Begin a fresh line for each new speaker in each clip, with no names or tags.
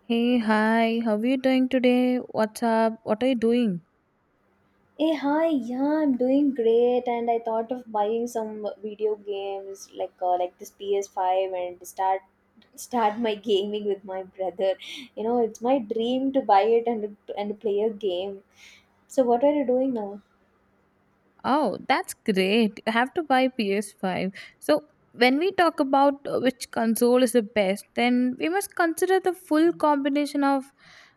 Hey, hi, how are you doing today? What's up? What are you doing?
Hey, hi, yeah, I'm doing great, and I thought of buying some video games like this PS5 and start my gaming with my brother. You know, it's my dream to buy it and play a game. So, what are you doing now?
Oh, that's great. I have to buy PS5. So, when we talk about which console is the best, then we must consider the full combination of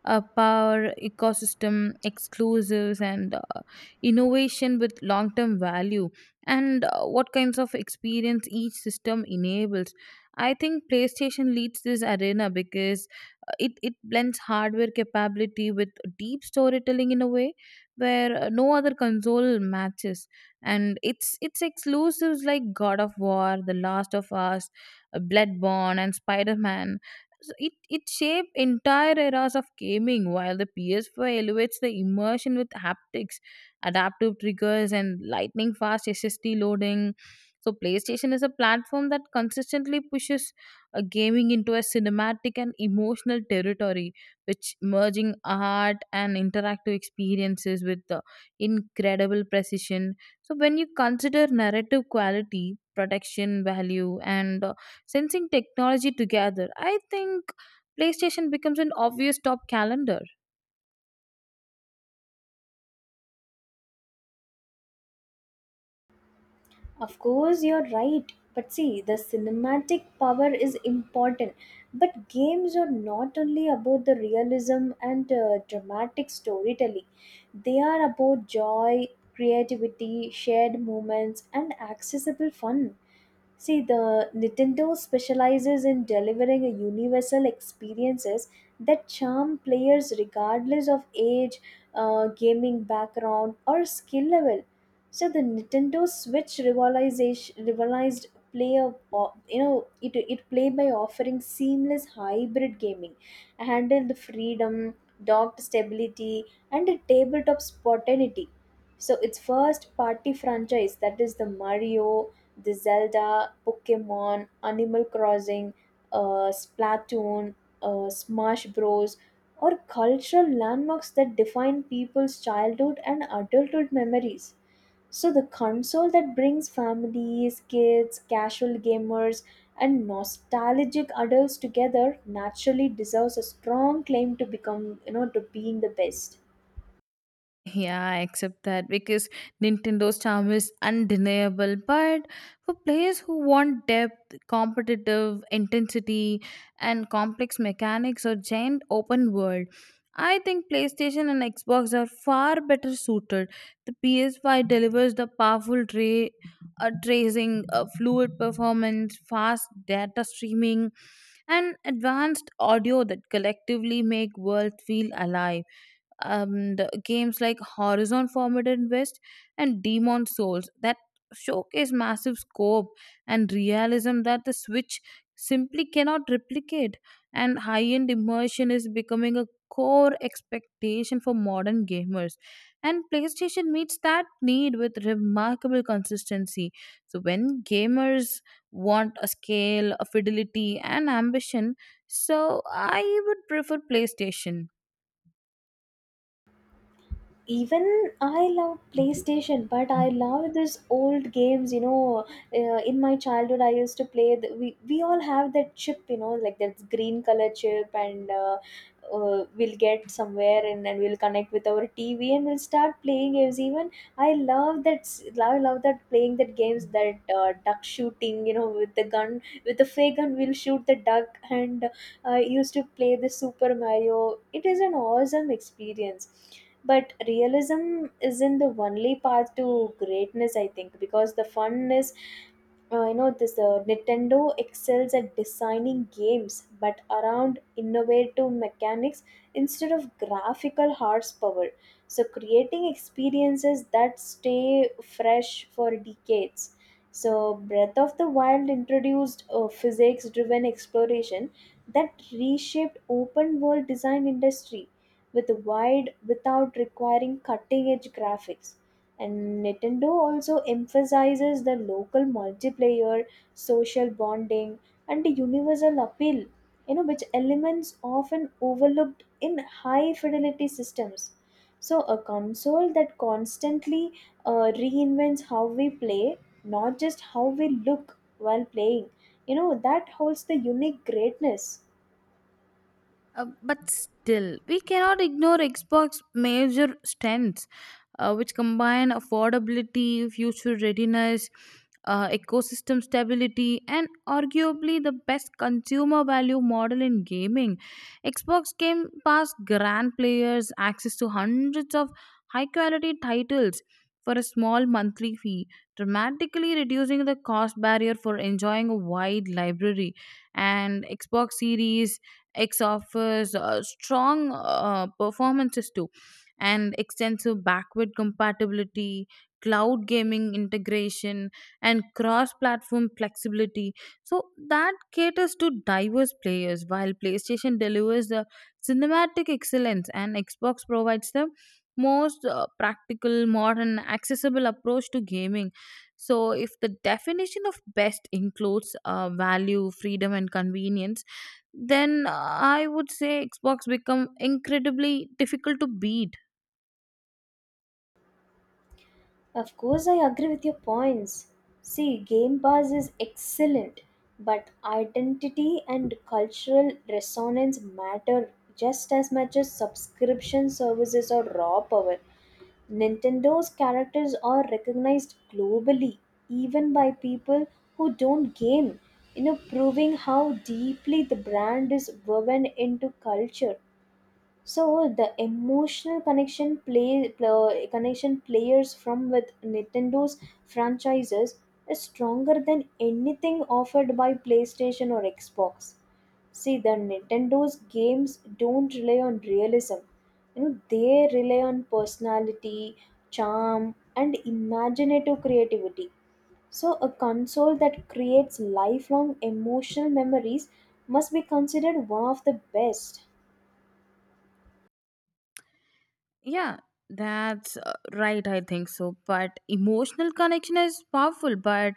power, ecosystem, exclusives, and innovation with long term value, and what kinds of experience each system enables. I think PlayStation leads this arena because it blends hardware capability with deep storytelling in a way where no other console matches, and its exclusives like God of War, The Last of Us, Bloodborne and Spider-Man, so it shaped entire eras of gaming, while the PS4 elevates the immersion with haptics, adaptive triggers and lightning fast ssd loading. So PlayStation is a platform that consistently pushes gaming into a cinematic and emotional territory, which merging art and interactive experiences with the incredible precision. So, when you consider narrative quality, protection value, and sensing technology together, I think PlayStation becomes an obvious top calendar.
Of course, you're right. But see, the cinematic power is important. But games are not only about the realism and dramatic storytelling, they are about joy, creativity, shared moments, and accessible fun. See, the Nintendo specializes in delivering a universal experiences that charm players regardless of age, gaming background, or skill level. So the Nintendo Switch revitalization revolutionized play of you know it it play by offering seamless hybrid gaming, handled freedom, docked stability, and a tabletop spontaneity. So its first party franchise, that is the Mario, the Zelda, Pokemon, Animal Crossing, Splatoon, Smash Bros. Or cultural landmarks that define people's childhood and adulthood memories. So the console that brings families, kids, casual gamers, and nostalgic adults together naturally deserves a strong claim to become, to being the best.
Yeah, I accept that because Nintendo's charm is undeniable. But for players who want depth, competitive intensity, and complex mechanics or giant open world, I think PlayStation and Xbox are far better suited. The PS5 delivers the powerful tracing, fluid performance, fast data streaming, and advanced audio that collectively make world feel alive, and games like Horizon Forbidden West and Demon Souls that showcase massive scope and realism that the Switch simply cannot replicate. And high end immersion is becoming a core expectation for modern gamers. And PlayStation meets that need with remarkable consistency. So, when gamers want a scale, a fidelity, and ambition, so I would prefer PlayStation.
Even I love PlayStation, but I love this old games. In my childhood I used to play the, we all have that chip, you know, like that green color chip, and we'll get somewhere and then we'll connect with our TV and we'll start playing games. Even I love love that playing that games, that duck shooting, you know, with the gun, with the fake gun, we'll shoot the duck. And I used to play the Super Mario. It is an awesome experience, but realism isn't the only path to greatness, I think, because the fun is you know this Nintendo excels at designing games but around innovative mechanics instead of graphical horsepower, so creating experiences that stay fresh for decades. So Breath of the Wild introduced physics driven exploration that reshaped open world design industry with wide, without requiring cutting edge graphics. And Nintendo also emphasizes the local multiplayer, social bonding, and the universal appeal, you know, which elements often overlooked in high fidelity systems. So, a console that constantly reinvents how we play, not just how we look while playing, you know, that holds the unique greatness.
But still, we cannot ignore Xbox's major strengths, which combine affordability, future readiness, ecosystem stability, and arguably the best consumer value model in gaming. Xbox Game Pass grant players access to hundreds of high quality titles for a small monthly fee, dramatically reducing the cost barrier for enjoying a wide library. And Xbox Series ex offers strong performances too, and extensive backward compatibility, cloud gaming integration and cross platform flexibility, so that caters to diverse players, while PlayStation delivers the cinematic excellence and Xbox provides the most practical modern accessible approach to gaming. So if the definition of best includes value, freedom and convenience, then I would say Xbox become incredibly difficult to beat.
Of course, I agree with your points. See, Game Pass is excellent, but identity and cultural resonance matter just as much as subscription services or raw power. Nintendo's characters are recognized globally, even by people who don't game, you know, proving how deeply the brand is woven into culture. So the emotional connection play pl- connection players from with Nintendo's franchises is stronger than anything offered by PlayStation or Xbox. See, the Nintendo's games don't rely on realism. You know, they rely on personality, charm, and imaginative creativity. So, a console that creates lifelong emotional memories must be considered one of the best.
Yeah, that's right. I think so. But emotional connection is powerful, but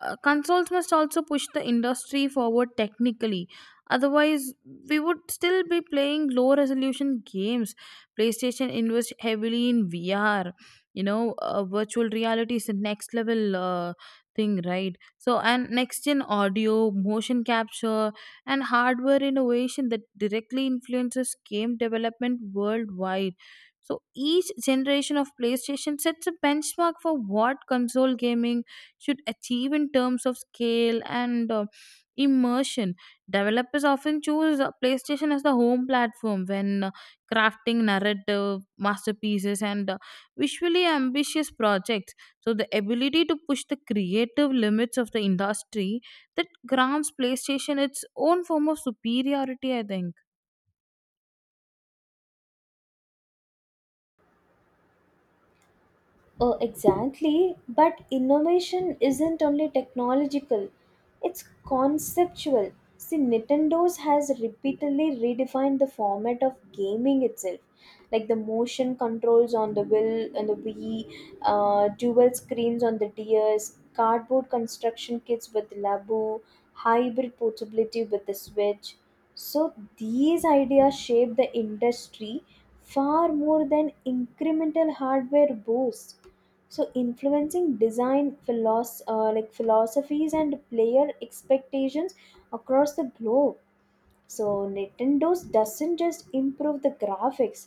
consoles must also push the industry forward technically. Otherwise, we would still be playing low resolution games. PlayStation invests heavily in VR. You know, virtual reality is the next level thing, right? So, and next gen audio, motion capture, and hardware innovation that directly influences game development worldwide. So each generation of PlayStation sets a benchmark for what console gaming should achieve in terms of scale and immersion. Developers often choose PlayStation as the home platform when crafting narrative masterpieces and visually ambitious projects. So the ability to push the creative limits of the industry, that grants PlayStation its own form of superiority, I think.
Oh, exactly. But innovation isn't only technological, it's conceptual. See, Nintendo's has repeatedly redefined the format of gaming itself, like the motion controls on the Will and the Wii, dual screens on the DS, cardboard construction kits with the Labu, hybrid portability with the Switch. So these ideas shape the industry far more than incremental hardware boosts, so influencing design philos- like philosophies and player expectations across the globe. So Nintendo's doesn't just improve the graphics,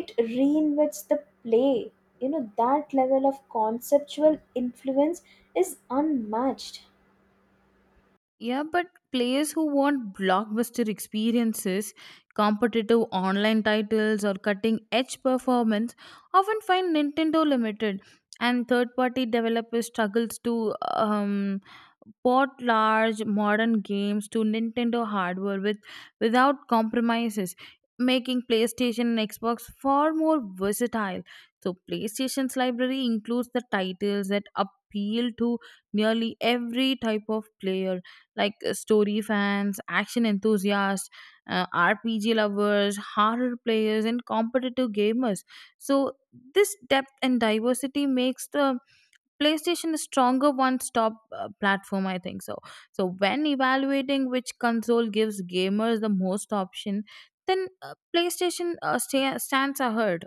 it reinvents the play. You know, that level of conceptual influence is unmatched.
Yeah, but players who want blockbuster experiences, competitive online titles, or cutting edge performance often find Nintendo limited, and third party developers struggles to port large modern games to Nintendo hardware with without compromises, making PlayStation and Xbox far more versatile. So PlayStation's library includes the titles that appeal to nearly every type of player, like story fans, action enthusiasts, RPG lovers, horror players, and competitive gamers. So, this depth and diversity makes the PlayStation a stronger one stop platform, I think so. So, when evaluating which console gives gamers the most option, then PlayStation stands ahead.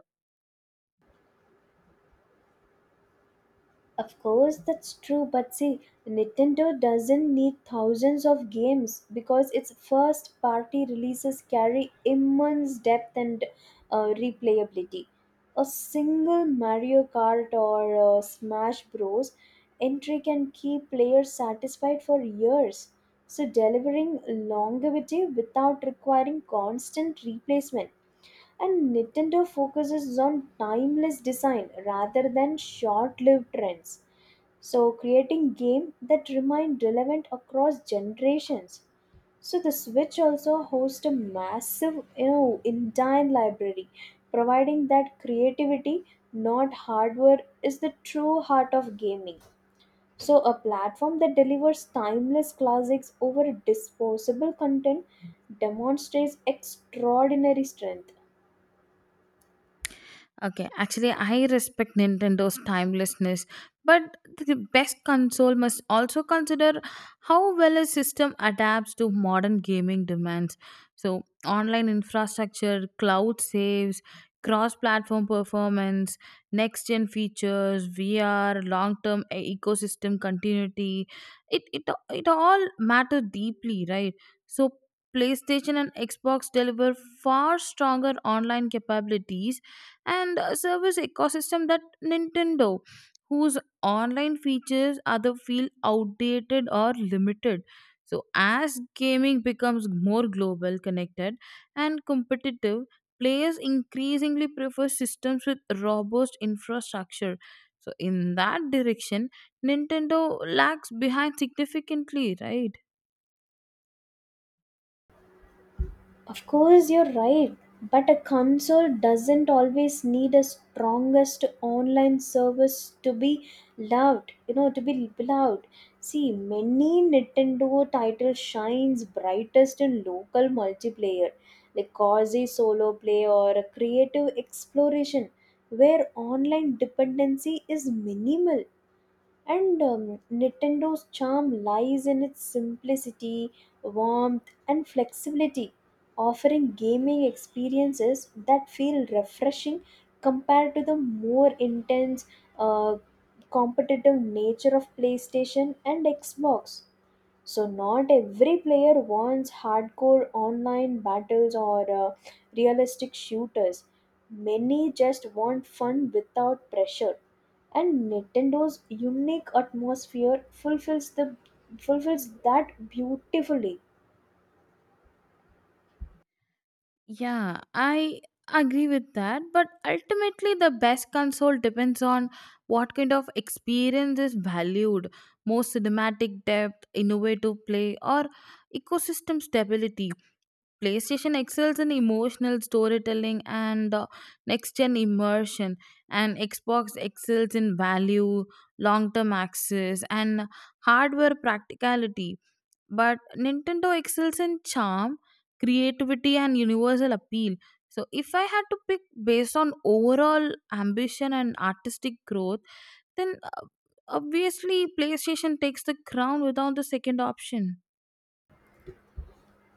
Of course, that's true, but see, Nintendo doesn't need thousands of games because its first party releases carry immense depth and replayability. A single Mario Kart or Smash Bros. Entry can keep players satisfied for years, so delivering longevity without requiring constant replacement. And Nintendo focuses on timeless design rather than short lived trends, so creating game that remain relevant across generations. So the Switch also hosts a massive, you know, indian library, providing that creativity, not hardware, is the true heart of gaming. So a platform that delivers timeless classics over disposable content demonstrates extraordinary strength.
Okay, actually, I respect Nintendo's timelessness, but the best console must also consider how well a system adapts to modern gaming demands. So, online infrastructure, cloud saves, cross platform performance, next gen features, VR, long term ecosystem continuity, it, it, it all matter deeply, right? So, PlayStation and Xbox deliver far stronger online capabilities and a service ecosystem that Nintendo, whose online features either feel outdated or limited. So, as gaming becomes more global, connected, and competitive, players increasingly prefer systems with robust infrastructure. So, in that direction, Nintendo lags behind significantly, right?
Of course, you're right. But a console doesn't always need a strongest online service to be loved. You know, to be beloved. See, many Nintendo titles shines brightest in local multiplayer, like cozy solo play or a creative exploration, where online dependency is minimal. And Nintendo's charm lies in its simplicity, warmth, and flexibility, offering gaming experiences that feel refreshing compared to the more intense, uh, competitive nature of PlayStation and Xbox. So not every player wants hardcore online battles or realistic shooters. Many just want fun without pressure. And Nintendo's unique atmosphere fulfills that beautifully.
Yeah, I agree with that. But ultimately, the best console depends on what kind of experience is valued: more cinematic depth, innovative play, or ecosystem stability. PlayStation excels in emotional storytelling and next gen immersion, and Xbox excels in value, long term access, and hardware practicality, but Nintendo excels in charm, creativity, and universal appeal. So, if I had to pick based on overall ambition and artistic growth, then obviously PlayStation takes the crown without the second option.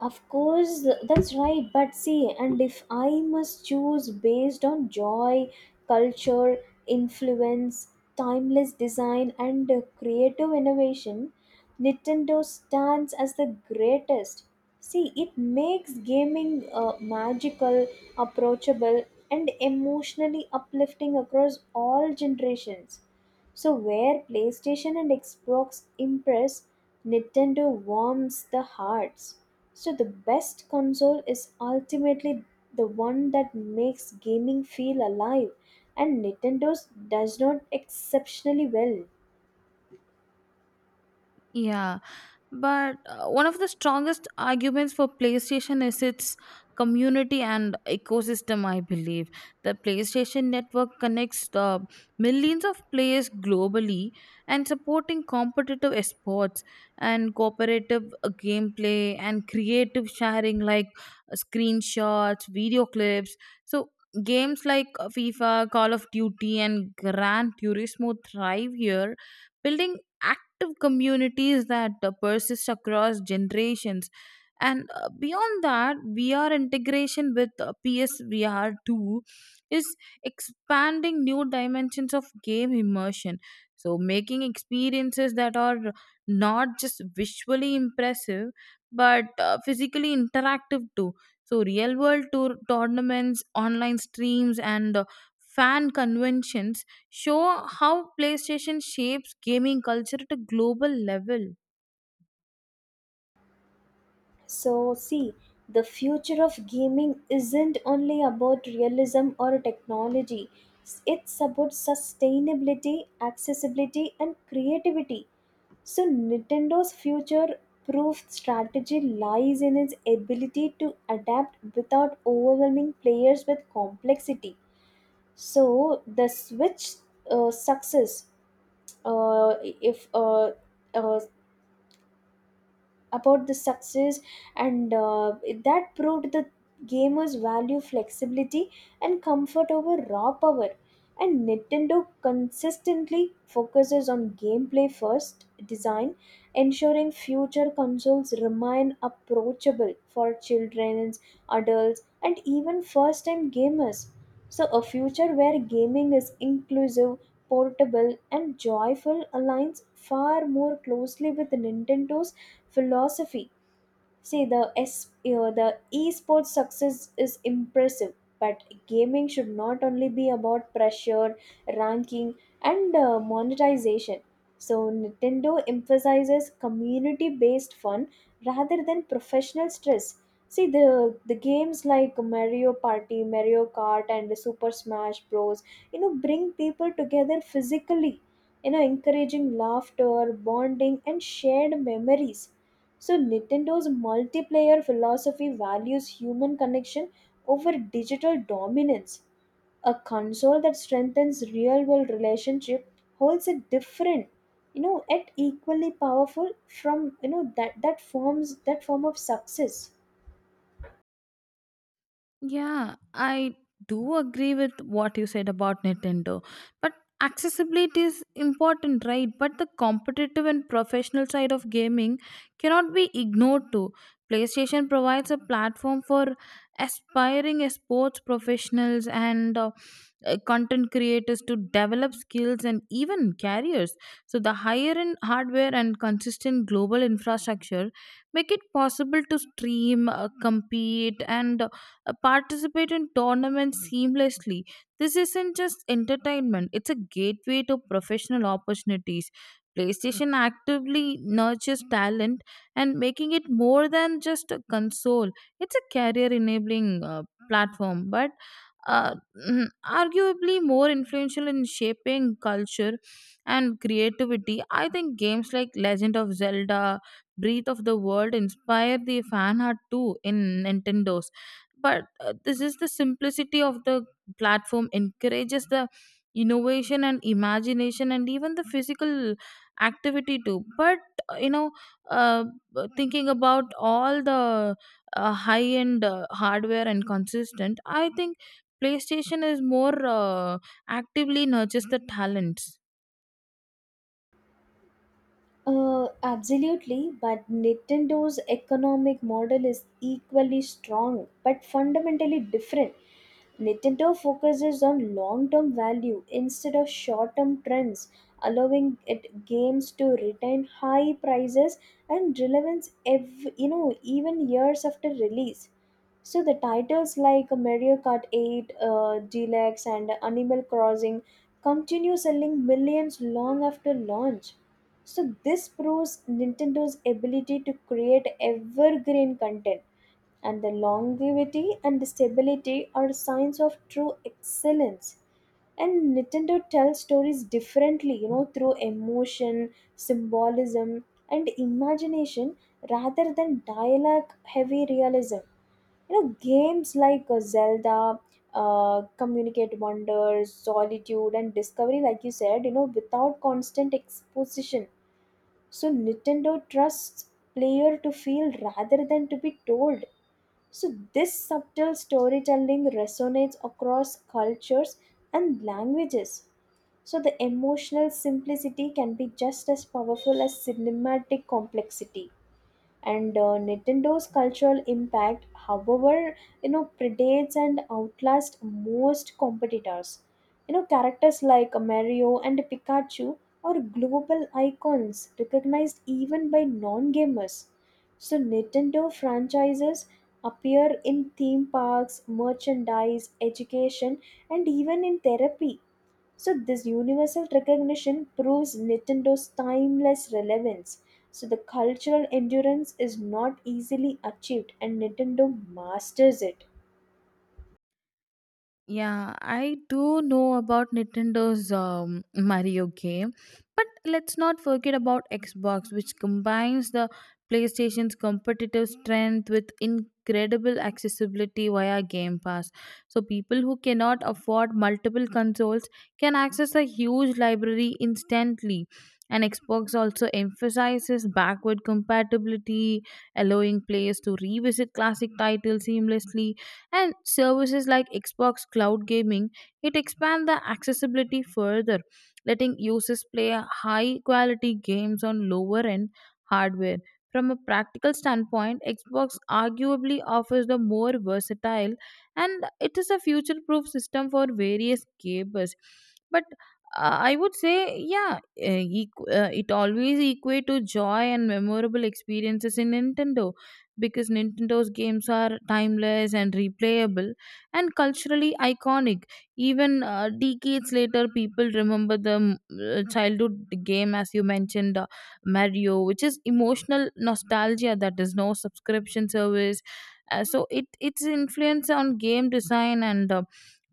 Of course, that's right. But see, and if I must choose based on joy, culture, influence, timeless design, and creative innovation, Nintendo stands as the greatest. See, it makes gaming magical, approachable, and emotionally uplifting across all generations. So, where PlayStation and Xbox impress, Nintendo warms the hearts. So, the best console is ultimately the one that makes gaming feel alive, and Nintendo's does not exceptionally well.
Yeah. But one of the strongest arguments for PlayStation is its community and ecosystem, I believe. The PlayStation network connects the millions of players globally and supporting competitive esports and cooperative gameplay and creative sharing, like screenshots, video clips. So games like FIFA, Call of Duty and Gran Turismo thrive here, building active communities that persist across generations. And beyond that, VR integration with PSVR 2 is expanding new dimensions of game immersion. So, making experiences that are not just visually impressive but physically interactive too. So, real world tournaments, online streams, and fan conventions show how PlayStation shapes gaming culture at a global level.
So, see, the future of gaming isn't only about realism or technology, it's about sustainability, accessibility, and creativity. So, Nintendo's future proof strategy lies in its ability to adapt without overwhelming players with complexity. So, the Switch success, if uh, about the success and that proved the gamers value flexibility and comfort over raw power. And Nintendo consistently focuses on gameplay first design, ensuring future consoles remain approachable for children, adults, and even first time gamers. So a future where gaming is inclusive, portable, and joyful aligns far more closely with Nintendo's philosophy. See the S, you know, the esports success is impressive, but gaming should not only be about pressure, ranking, and monetization. So Nintendo emphasizes community-based fun rather than professional stress. See the games like Mario Party, Mario Kart, and Super Smash Bros. You know, bring people together physically, you know, encouraging laughter, bonding, and shared memories. So Nintendo's multiplayer philosophy values human connection over digital dominance. A console that strengthens real world relationship holds a different, you know, yet equally powerful from you know that that forms that form of success.
Yeah, I do agree with what you said about Nintendo. But accessibility is important, right? But the competitive and professional side of gaming cannot be ignored too. PlayStation provides a platform for aspiring sports professionals and content creators to develop skills and even careers. So the higher end hardware and consistent global infrastructure make it possible to stream, compete and participate in tournaments seamlessly. This isn't just entertainment, it's a gateway to professional opportunities. PlayStation actively nurtures talent and making it more than just a console. It's a career enabling platform, but uh, arguably more influential in shaping culture and creativity. I think games like Legend of Zelda, Breath of the World inspire the fan art too in Nintendo's, but this is the simplicity of the platform encourages the innovation and imagination and even the physical activity too, but uh, you know uh, thinking about all the high end hardware and consistent, I think PlayStation is more actively nurtures the talents.
Absolutely, but Nintendo's economic model is equally strong but fundamentally different. Nintendo focuses on long term value instead of short term trends, allowing it games to retain high prices and relevance you know, even years after release. So the titles like Mario Kart 8, Deluxe, and Animal Crossing continue selling millions long after launch, so this proves Nintendo's ability to create evergreen content, and the longevity and the stability are signs of true excellence. And Nintendo tells stories differently, you know, through emotion, symbolism, and imagination rather than dialogue heavy realism. You know, games like Zelda, Communicate Wonders, Solitude, and Discovery, like you said, you know, without constant exposition. So Nintendo trusts player to feel rather than to be told. So this subtle storytelling resonates across cultures and languages. So the emotional simplicity can be just as powerful as cinematic complexity. And Nintendo's cultural impact, however, you know, predates and outlasts most competitors. You know, characters like Mario and Pikachu are global icons recognized even by non-gamers. So Nintendo franchises appear in theme parks, merchandise, education, and even in therapy. So this universal recognition proves Nintendo's timeless relevance. So the cultural endurance is not easily achieved, and Nintendo masters it.
Yeah, I do know about Nintendo's Mario game, but let's not forget about Xbox, which combines the PlayStation's competitive strength with incredible accessibility via Game Pass. So, people who cannot afford multiple consoles can access a huge library instantly. And Xbox also emphasizes backward compatibility, allowing players to revisit classic titles seamlessly, and services like Xbox Cloud Gaming, it expand the accessibility further, letting users play high quality games on lower end hardware. From a practical standpoint, Xbox arguably offers the more versatile and it is a future proof system for various gamers. But I would say, yeah, it always equate to joy and memorable experiences in Nintendo, because Nintendo's games are timeless and replayable and culturally iconic. Even decades later, people remember the childhood game, as you mentioned, Mario, which is emotional nostalgia that is no subscription service. So it its influence on game design and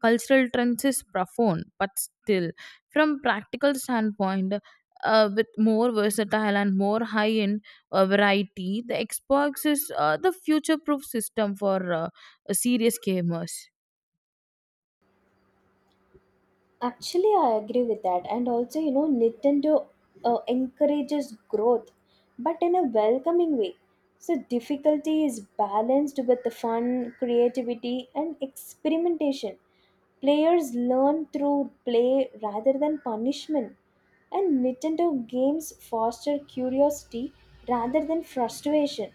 cultural trends is profound, but still, from practical standpoint, with more versatile and more high end variety. The Xbox is the future proof system for serious gamers.
Actually, I agree with that. And also, you know, Nintendo encourages growth, but in a welcoming way. So, difficulty is balanced with the fun, creativity, and experimentation. Players learn through play rather than punishment. And Nintendo games foster curiosity rather than frustration.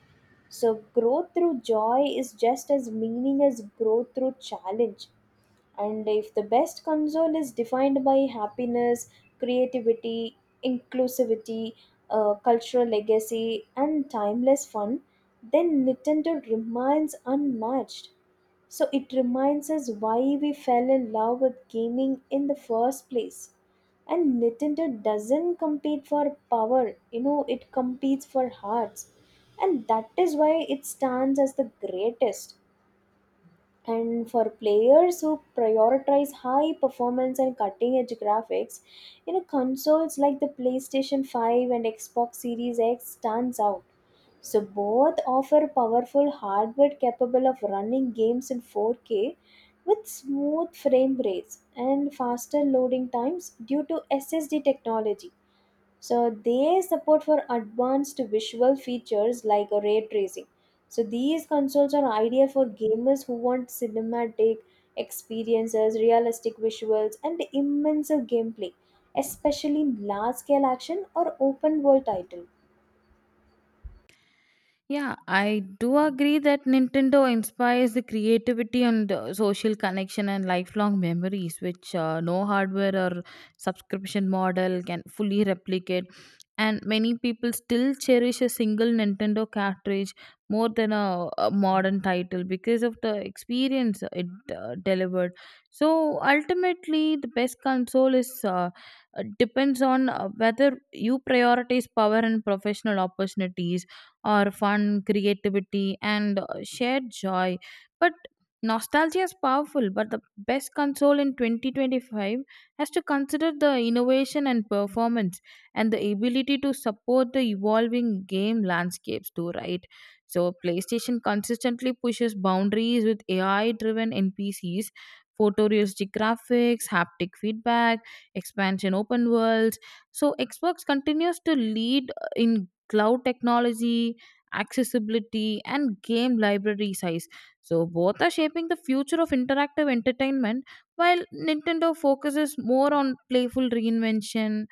So, growth through joy is just as meaning as growth through challenge. And if the best console is defined by happiness, creativity, inclusivity, cultural legacy, and timeless fun, then Nintendo remains unmatched. So it reminds us why we fell in love with gaming in the first place. And Nintendo doesn't compete for power, you know, it competes for hearts. And that is why it stands as the greatest. And for players who prioritize high performance and cutting edge graphics, you know, consoles like the PlayStation 5 and Xbox Series X stands out. So both offer powerful hardware capable of running games in 4K with smooth frame rates and faster loading times due to SSD technology, so they support for advanced visual features like a ray tracing. So these consoles are ideal for gamers who want cinematic experiences, realistic visuals, and immersive gameplay, especially in large scale action or open world titles.
Yeah, I do agree that Nintendo inspires the creativity and social connection and lifelong memories, which no hardware or subscription model can fully replicate. And many people still cherish a single Nintendo cartridge more than a modern title because of the experience it delivered. So ultimately, the best console is depends on whether you prioritize power and professional opportunities or fun, creativity, and shared joy. But nostalgia is powerful, but the best console in 2025 has to consider the innovation and performance and the ability to support the evolving game landscapes, too, right? So, PlayStation consistently pushes boundaries with AI driven NPCs, photorealistic graphics, haptic feedback, expansion open worlds. So, Xbox continues to lead in cloud technology, accessibility, and game library size. So, both are shaping the future of interactive entertainment, while Nintendo focuses more on playful reinvention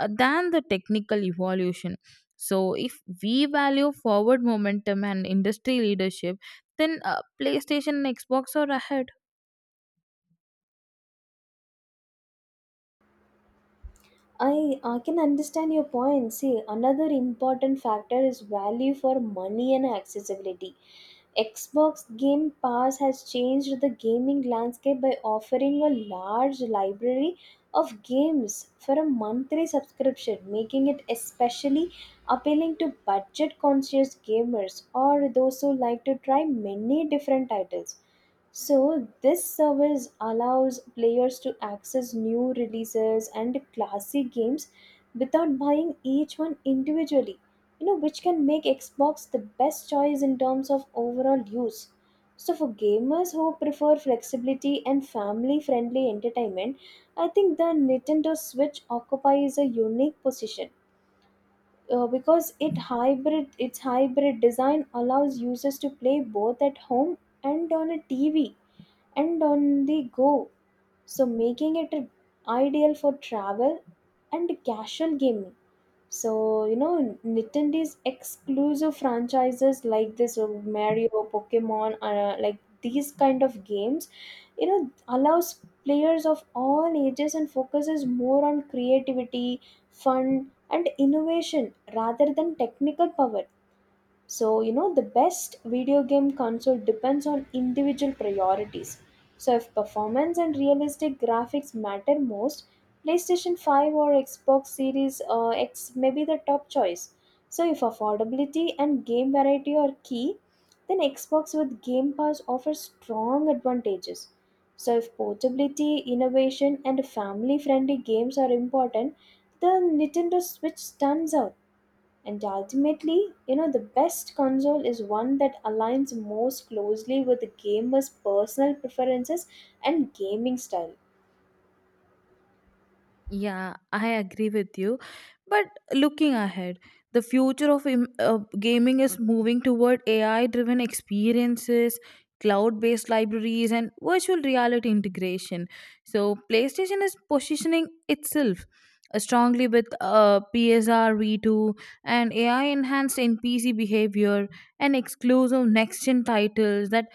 than the technical evolution. So, if we value forward momentum and industry leadership, then PlayStation and Xbox are ahead.
I can understand your point. See, another important factor is value for money and accessibility. Xbox Game Pass has changed the gaming landscape by offering a large library of games for a monthly subscription, making it especially appealing to budget conscious gamers or those who like to try many different titles. So, this service allows players to access new releases and classic games without buying each one individually, you know, which can make Xbox the best choice in terms of overall use. So, for gamers who prefer flexibility and family friendly entertainment, I think the Nintendo Switch occupies a unique position. Because it hybrid its hybrid design allows users to play both at home and on a TV and on the go. So, making it ideal for travel and casual gaming. So, you know, Nintendo's exclusive franchises like this Mario, Pokemon, like these kind of games, you know, allows players of all ages and focuses more on creativity, fun, and innovation rather than technical power. So, you know, the best video game console depends on individual priorities. So, if performance and realistic graphics matter most, PlayStation 5 or Xbox Series X may be the top choice. So, if affordability and game variety are key, then Xbox with Game Pass offers strong advantages. So, if portability, innovation, and family friendly games are important, the Nintendo Switch stands out. And ultimately, you know, the best console is one that aligns most closely with the gamer's personal preferences and gaming style.
Yeah, I agree with you. But looking ahead, the future of gaming is moving toward AI driven experiences, cloud based libraries, and virtual reality integration. So, PlayStation is positioning itself strongly with PSRV 2 and AI enhanced NPC behavior and exclusive next gen titles that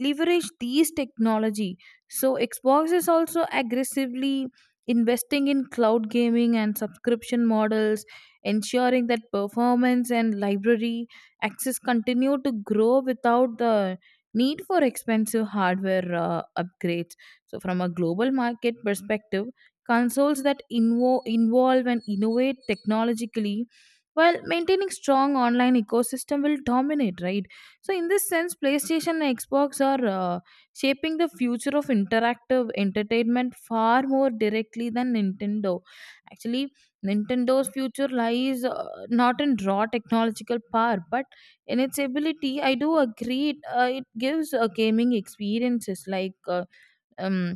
leverage these technology. So, Xbox is also aggressively investing in cloud gaming and subscription models, ensuring that performance and library access continue to grow without the need for expensive hardware upgrades. So, from a global market perspective, consoles that involve and innovate technologically while maintaining strong online ecosystem will dominate, right? So in this sense, PlayStation and Xbox are shaping the future of interactive entertainment far more directly than Nintendo. Actually, Nintendo's future lies not in raw technological power, but in its ability. I do agree, it gives gaming experiences like. Um,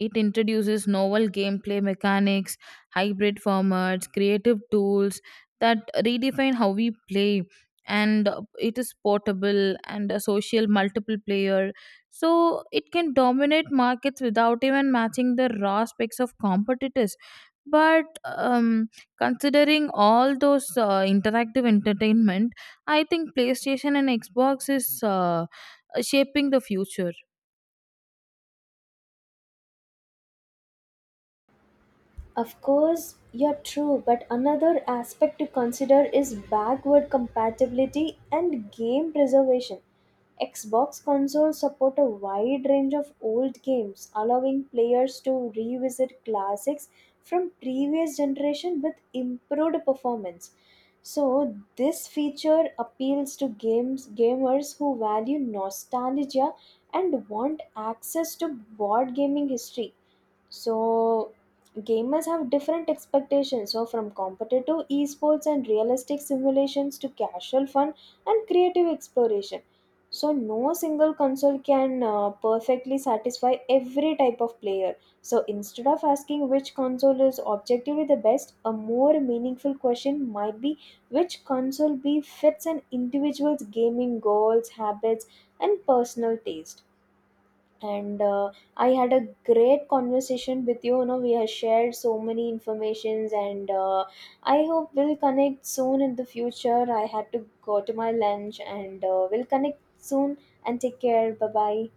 it introduces novel gameplay mechanics, hybrid formats, creative tools that redefine how we play. And it is portable and a social multiple player. So it can dominate markets without even matching the raw specs of competitors. But considering all those interactive entertainment, I think PlayStation and Xbox is shaping the future.
Of course, you're true, but another aspect to consider is backward compatibility and game preservation. Xbox consoles support a wide range of old games, allowing players to revisit classics from previous generation with improved performance. So, this feature appeals to games gamers who value nostalgia and want access to board gaming history. So gamers have different expectations, so from competitive esports and realistic simulations to casual fun and creative exploration. So no single console can perfectly satisfy every type of player. So instead of asking which console is objectively the best, a more meaningful question might be which console b fits an individual's gaming goals, habits, and personal taste. And I had a great conversation with you. You know, we have shared so many informations, and I hope we'll connect soon in the future. I had to go to my lunch, and we'll connect soon, and take care. Bye bye.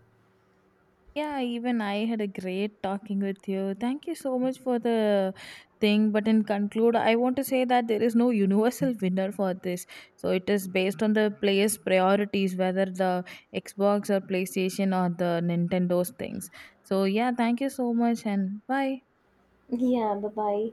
Yeah, even I had a great talking with you. Thank you so much for the thing. But in conclude, I want to say that there is no universal winner for this. So it is based on the player's priorities, whether the Xbox or PlayStation or the Nintendo's things. So yeah, thank you so much and bye.
Yeah, bye bye.